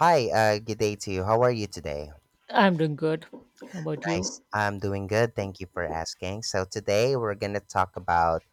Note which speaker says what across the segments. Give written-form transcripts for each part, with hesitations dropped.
Speaker 1: Hi, good day to you. How are you today?
Speaker 2: I'm doing good. How about
Speaker 1: Nice.
Speaker 2: you?
Speaker 1: I'm doing good. Thank you for asking. So today we're gonna talk about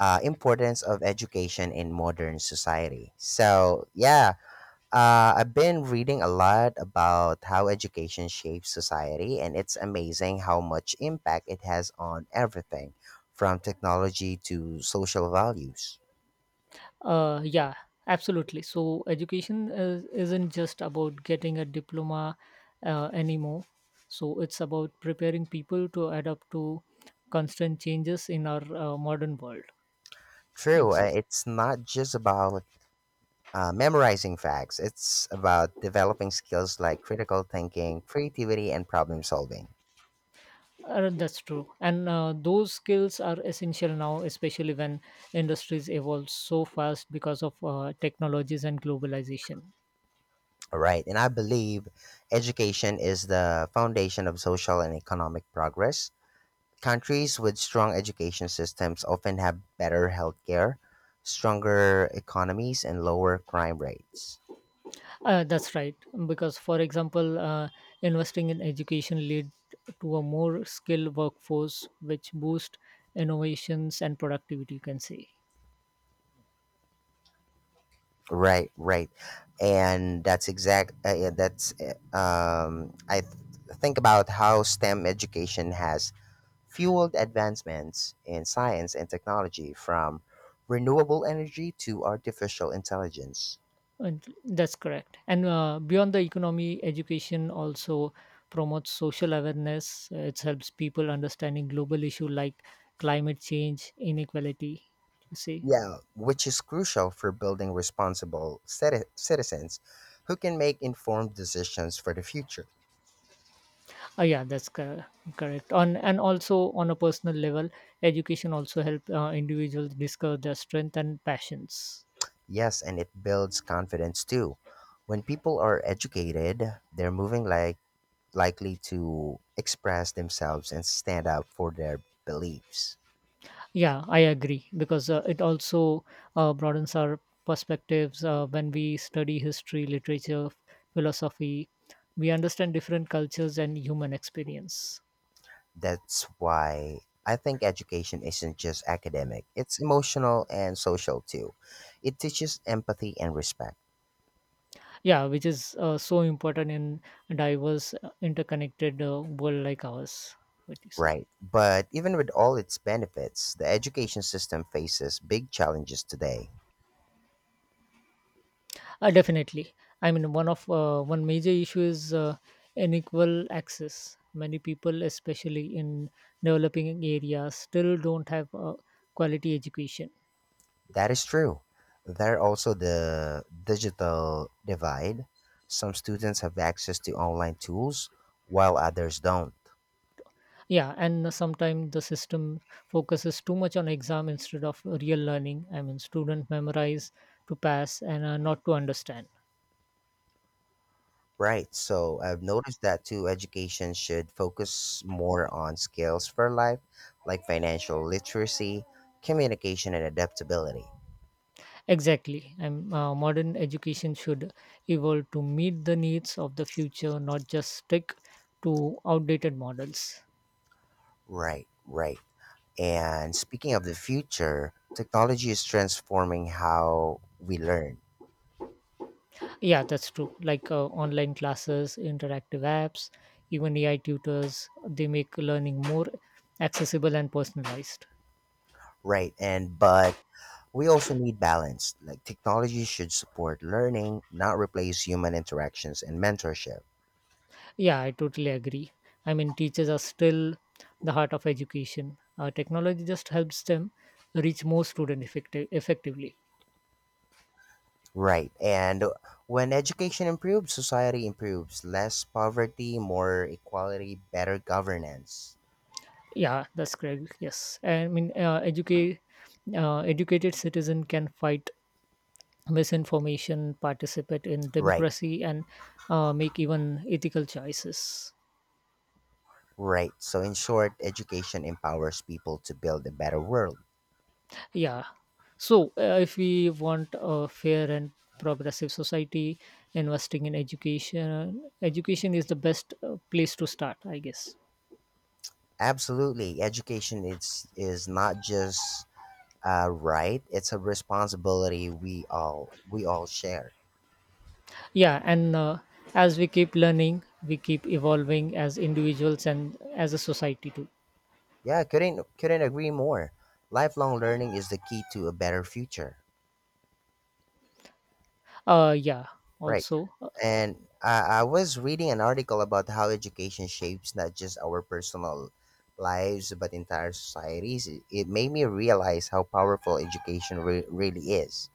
Speaker 1: importance of education in modern society. So yeah, I've been reading a lot about how education shapes society, and it's amazing how much impact it has on everything, from technology to social values.
Speaker 2: Uh, yeah, absolutely. So isn't just about getting a diploma anymore. So it's about preparing people to adapt to constant changes in our modern world. You
Speaker 1: True,
Speaker 2: say
Speaker 1: it's not just about memorizing facts. It's about developing skills like critical thinking, creativity, and problem solving.
Speaker 2: that's true, and those skills are essential now, especially when industries evolve so fast because of technologies and globalization.
Speaker 1: All right. And I believe education is the foundation of social and economic progress. Countries with strong education systems often have better healthcare, stronger economies, and lower crime rates.
Speaker 2: That's right. Because, for example, investing in education lead to a more skilled workforce, which boost innovations and productivity. You can say,
Speaker 1: Right, right, and that's exact. Think about how STEM education has fueled advancements in science and technology from renewable energy to artificial intelligence.
Speaker 2: and that's correct. And beyond the economy, education also promotes social awareness. It helps people understanding global issue like climate change, inequality. You see.
Speaker 1: Yeah, which is crucial for building responsible citizens who can make informed decisions for the future.
Speaker 2: Oh, yeah, correct. On and also on a personal level, education also help individuals discover their strength and passions.
Speaker 1: Yes, and it builds confidence too. When people are educated, they're moving likely to express themselves and stand up for their beliefs.
Speaker 2: Yeah, I agree because it also broadens our perspectives. When we study history, literature, philosophy, we understand different cultures and human experience.
Speaker 1: That's why I think education isn't just academic, it's emotional and social too. It teaches empathy and respect,
Speaker 2: Yeah, which is so important in a diverse, interconnected world like ours. What do you say?
Speaker 1: right? But even with all its benefits, the education system faces big challenges today.
Speaker 2: Definitely. I mean, one major issue is unequal access. Many people, especially in developing areas, still don't have quality education.
Speaker 1: That is true. There are also the digital divide. Some students have access to online tools while others don't.
Speaker 2: Yeah, and sometimes the system focuses too much on exam instead of real learning. I mean, student memorize to pass and not to understand.
Speaker 1: Right. So I've noticed that too. Education should focus more on skills for life, like financial literacy, communication, and adaptability.
Speaker 2: Exactly. And modern education should evolve to meet the needs of the future, not just stick to outdated models.
Speaker 1: Right. Right. And speaking of the future, technology is transforming how we learn.
Speaker 2: Yeah, that's true. Like online classes, interactive apps, even AI tutors, they make learning more accessible and personalized.
Speaker 1: Right. And, but we also need balance. Like technology should support learning, not replace human interactions and mentorship.
Speaker 2: Yeah, I totally agree. I mean, teachers are still the heart of education. Technology just helps them reach more students effectively.
Speaker 1: Right. And when education improves, society improves. Less poverty, more equality, better governance.
Speaker 2: Yeah, that's correct. Yes. I mean, educated citizen can fight misinformation, participate in
Speaker 1: Right.
Speaker 2: democracy, and make even ethical choices.
Speaker 1: Right. So, in short, education empowers people to build a better world.
Speaker 2: Yeah. So, if we want a fair and progressive society, education is the best place to start, I guess.
Speaker 1: Absolutely. Education is not just a right, it's a responsibility we all share.
Speaker 2: Yeah, and as we keep learning, we keep evolving as individuals and as a society too.
Speaker 1: Yeah, couldn't agree more. Lifelong learning is the key to a better future.
Speaker 2: Yeah.
Speaker 1: Right.
Speaker 2: Also,
Speaker 1: And I was reading an article about how education shapes not just our personal lives but entire societies. It made me realize how powerful education really is.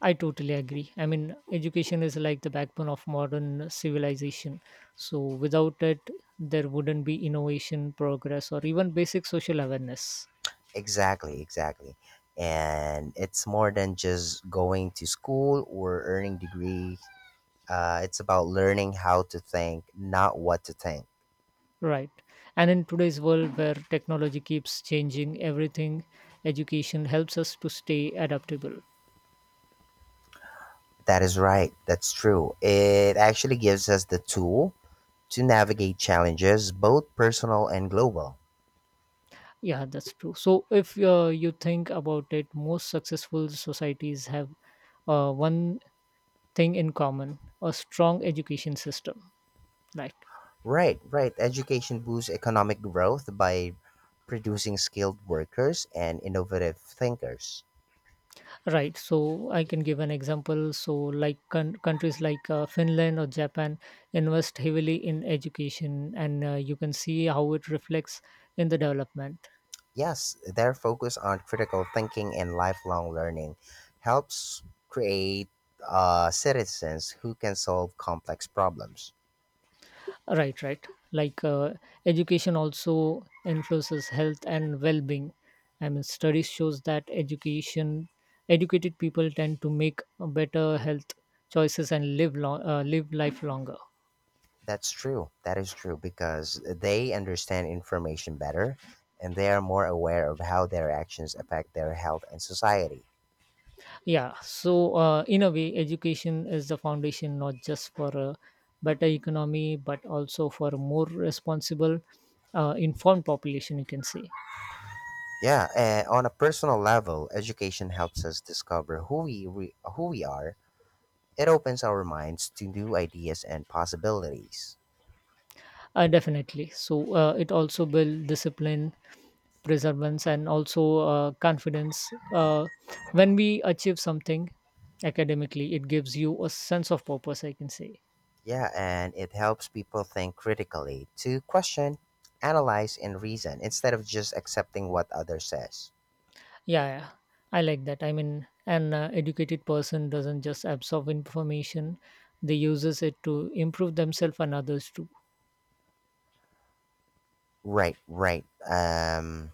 Speaker 2: I totally agree. I mean, education is like the backbone of modern civilization. So, without it, there wouldn't be innovation, progress, or even basic social awareness.
Speaker 1: Exactly, exactly. And it's more than just going to school or earning degree. It's about learning how to think, not what to think.
Speaker 2: Right. And in today's world where technology keeps changing everything, education helps us to stay adaptable.
Speaker 1: That is right. That's true. It actually gives us the tool to navigate challenges, both personal and global.
Speaker 2: Yeah, that's true. So, if you think about it, most successful societies have one thing in common a strong education system. Like,
Speaker 1: Right, right. Education boosts economic growth by producing skilled workers and innovative thinkers.
Speaker 2: right. So, I can give an example. So, like countries like Finland or Japan invest heavily in education, and you can see how it reflects in the development.
Speaker 1: Yes, their focus on critical thinking and lifelong learning helps create citizens who can solve complex problems.
Speaker 2: Right, right. Like education also influences health and well-being. I mean, studies shows that educated people tend to make better health choices and live live life longer.
Speaker 1: That's true. That is true because they understand information better and they are more aware of how their actions affect their health and society.
Speaker 2: Yeah. So, in a way, education is the foundation not just for a better economy, but also for a more responsible, informed population. You can say.
Speaker 1: Yeah, on a personal level, education helps us discover who we are. It opens our minds to new ideas and possibilities.
Speaker 2: Definitely. So, it also builds discipline perseverance and also confidence when we achieve something academically it gives you a sense of purpose I can say
Speaker 1: Yeah, and it helps people think critically, to question, analyze, and reason instead of just accepting what others says.
Speaker 2: yeah, yeah I like that I mean an educated person doesn't just absorb information they uses it to improve themselves and others too
Speaker 1: Right, right.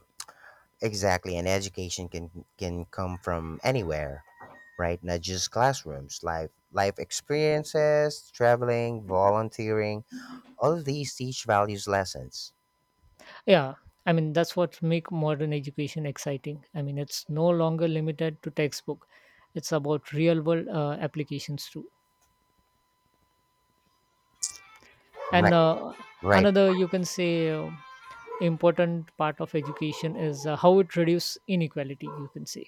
Speaker 1: Exactly. And education can come from anywhere, right? Not just classrooms. Life experiences, traveling, volunteering all of these teach values lessons.
Speaker 2: yeah I mean that's what make modern education exciting I mean it's no longer limited to textbook it's about real world applications too and
Speaker 1: Right, right,
Speaker 2: another you can say important part of education is how it reduces inequality you can say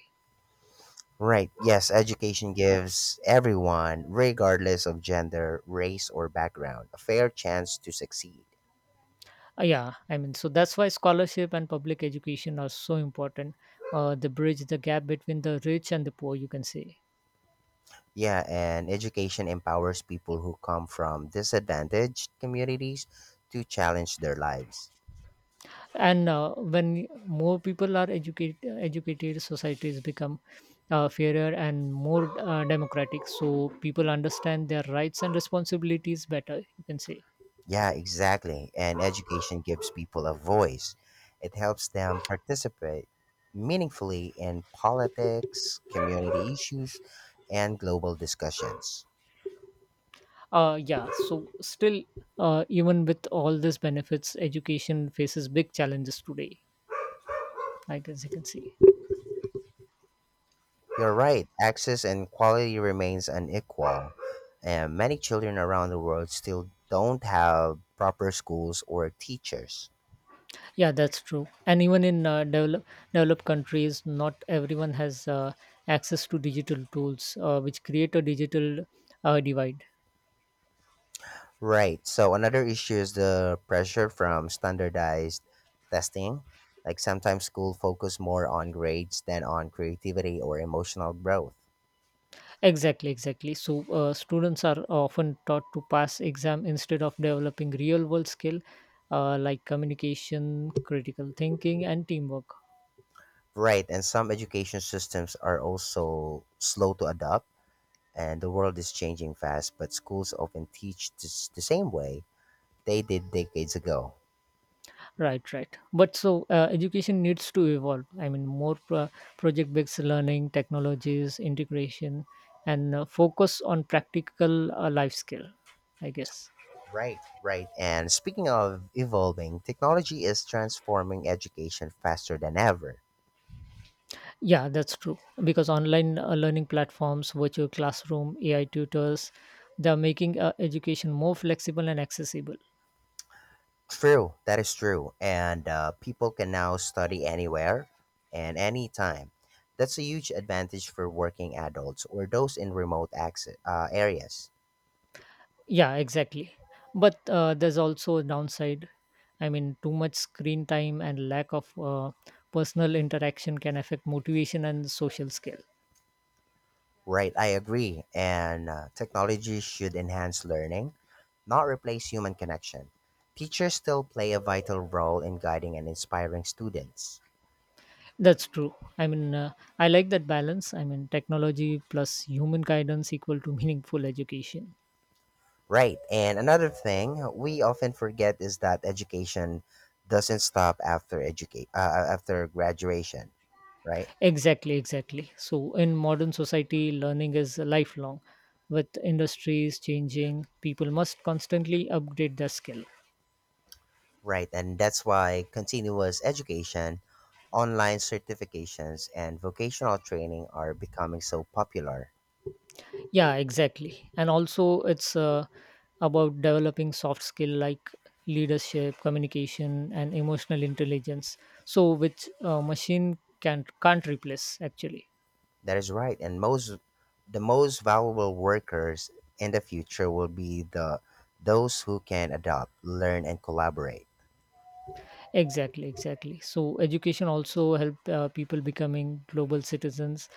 Speaker 1: right. Yes, education gives everyone, regardless of gender, race, or background, a fair chance to succeed.
Speaker 2: Yeah I mean so that's why scholarship and public education are so important they bridge the gap between the rich and the poor you can say
Speaker 1: Yeah, and education empowers people who come from disadvantaged communities to challenge their lives.
Speaker 2: and when more people are educated societies become fairer and more democratic so people understand their rights and responsibilities better you can say
Speaker 1: Yeah, exactly. And education gives people a voice, it helps them participate meaningfully in politics, community issues, and global discussions.
Speaker 2: yeah so still even with all these benefits education faces big challenges today I guess you can see.
Speaker 1: You're right, access and quality remains unequal. And many children around the world still don't have proper schools or teachers.
Speaker 2: Yeah, that's true. And even in developed countries, not everyone has access to digital tools, which create a digital divide.
Speaker 1: Right. So another issue is the pressure from standardized testing. Like sometimes school focus more on grades than on creativity or emotional growth.
Speaker 2: Exactly, exactly. So students are often taught to pass exam instead of developing real world skill like communication, critical thinking, and teamwork.
Speaker 1: Right, and some education systems are also slow to adopt and the world is changing fast, but schools often teach this, the same way they did decades ago.
Speaker 2: Right, right. But so education needs to evolve. I mean, more project based learning, technologies, integration, and focus on practical life skill, I guess.
Speaker 1: Right, right. And speaking of evolving, technology is transforming education faster than ever.
Speaker 2: Yeah, that's true. Because online learning platforms, virtual classroom, AI tutors, they're making education more flexible and accessible.
Speaker 1: True, that is true. And people can now study anywhere and anytime. That's a huge advantage for working adults or those in remote access, areas.
Speaker 2: Yeah, exactly. But there's also a downside. I mean, too much screen time and lack of personal interaction can affect motivation and social skill.
Speaker 1: Right, I agree. And technology should enhance learning, not replace human connection. Teachers still play a vital role in guiding and inspiring students.
Speaker 2: That's true. I mean, I like that balance. I mean, technology plus human guidance equal to meaningful education.
Speaker 1: Right. And another thing we often forget is that education doesn't stop after graduation, right?
Speaker 2: Exactly, exactly. So, in modern society, learning is lifelong. With industries changing, people must constantly upgrade their skill.
Speaker 1: Right. And that's why continuous education, online certifications and vocational training are becoming so popular.
Speaker 2: Yeah exactly and also it's about developing soft skill like leadership communication and emotional intelligence so which machine can't replace actually
Speaker 1: That is right. And most the most valuable workers in the future will be the those who can adopt, learn and collaborate.
Speaker 2: exactly exactly so education also help people becoming global citizens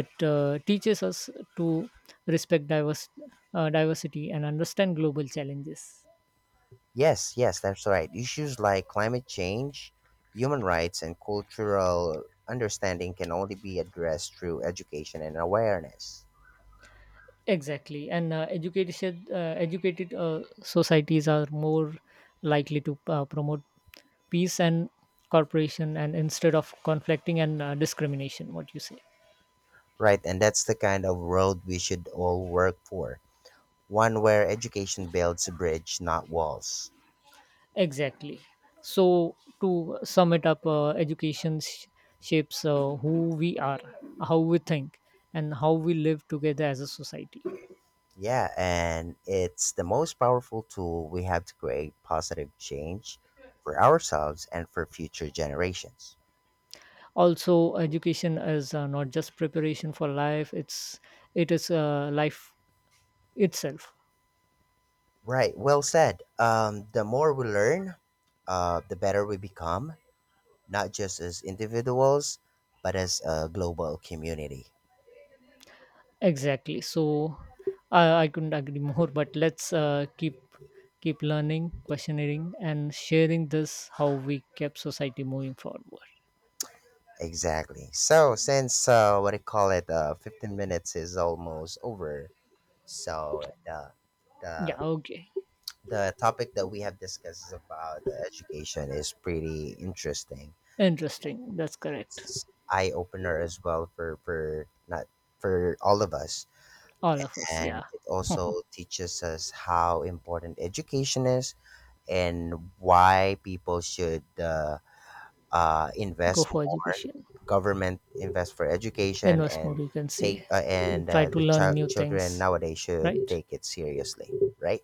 Speaker 2: it teaches us to respect diverse diversity and understand global challenges
Speaker 1: Yes, yes, that's right. Issues like climate change, human rights, and cultural understanding can only be addressed through education and awareness.
Speaker 2: Exactly, and educated societies are more likely to promote peace and cooperation, and instead of conflicting and discrimination. What you say?
Speaker 1: Right, and that's the kind of world we should all work for one where education builds a bridge, not walls.
Speaker 2: Exactly. So to sum it up, shapes who we are, how we think, and how we live together as a society.
Speaker 1: Yeah, and it's the most powerful tool we have to create positive change for ourselves and for future generations.
Speaker 2: Also, education is not just preparation for life; it is life itself.
Speaker 1: Right, well said. The more we learn, the better we become not just as individuals, but as a global community.
Speaker 2: Exactly. So I couldn't agree more. But let's keep learning, questioning, and sharing this how we kept society moving forward.
Speaker 1: Exactly. So since what do you call it, 15 minutes is almost over. So
Speaker 2: Yeah.
Speaker 1: the
Speaker 2: Okay.
Speaker 1: the topic that we have discussed is about education is pretty interesting.
Speaker 2: Interesting. That's correct.
Speaker 1: It's eye opener as well for not for all of us,
Speaker 2: All of us.
Speaker 1: and
Speaker 2: Yeah.
Speaker 1: it also teaches us how important education is and why people should.
Speaker 2: Go
Speaker 1: Invest
Speaker 2: for
Speaker 1: more.
Speaker 2: education.
Speaker 1: Government invest for education
Speaker 2: Invest more.
Speaker 1: and
Speaker 2: You can
Speaker 1: take
Speaker 2: say, and
Speaker 1: and
Speaker 2: try to
Speaker 1: the
Speaker 2: learn new
Speaker 1: children
Speaker 2: things.
Speaker 1: nowadays should
Speaker 2: Right.
Speaker 1: take it seriously, right?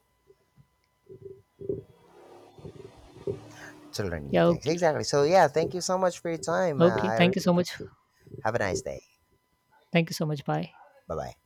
Speaker 1: To learn new
Speaker 2: Yeah.
Speaker 1: things.
Speaker 2: Okay.
Speaker 1: Exactly. So yeah, thank you so much for your time.
Speaker 2: Okay.
Speaker 1: I
Speaker 2: Thank you
Speaker 1: really
Speaker 2: so much.
Speaker 1: appreciate. Have a nice day.
Speaker 2: Thank you so much. Bye.
Speaker 1: Bye bye.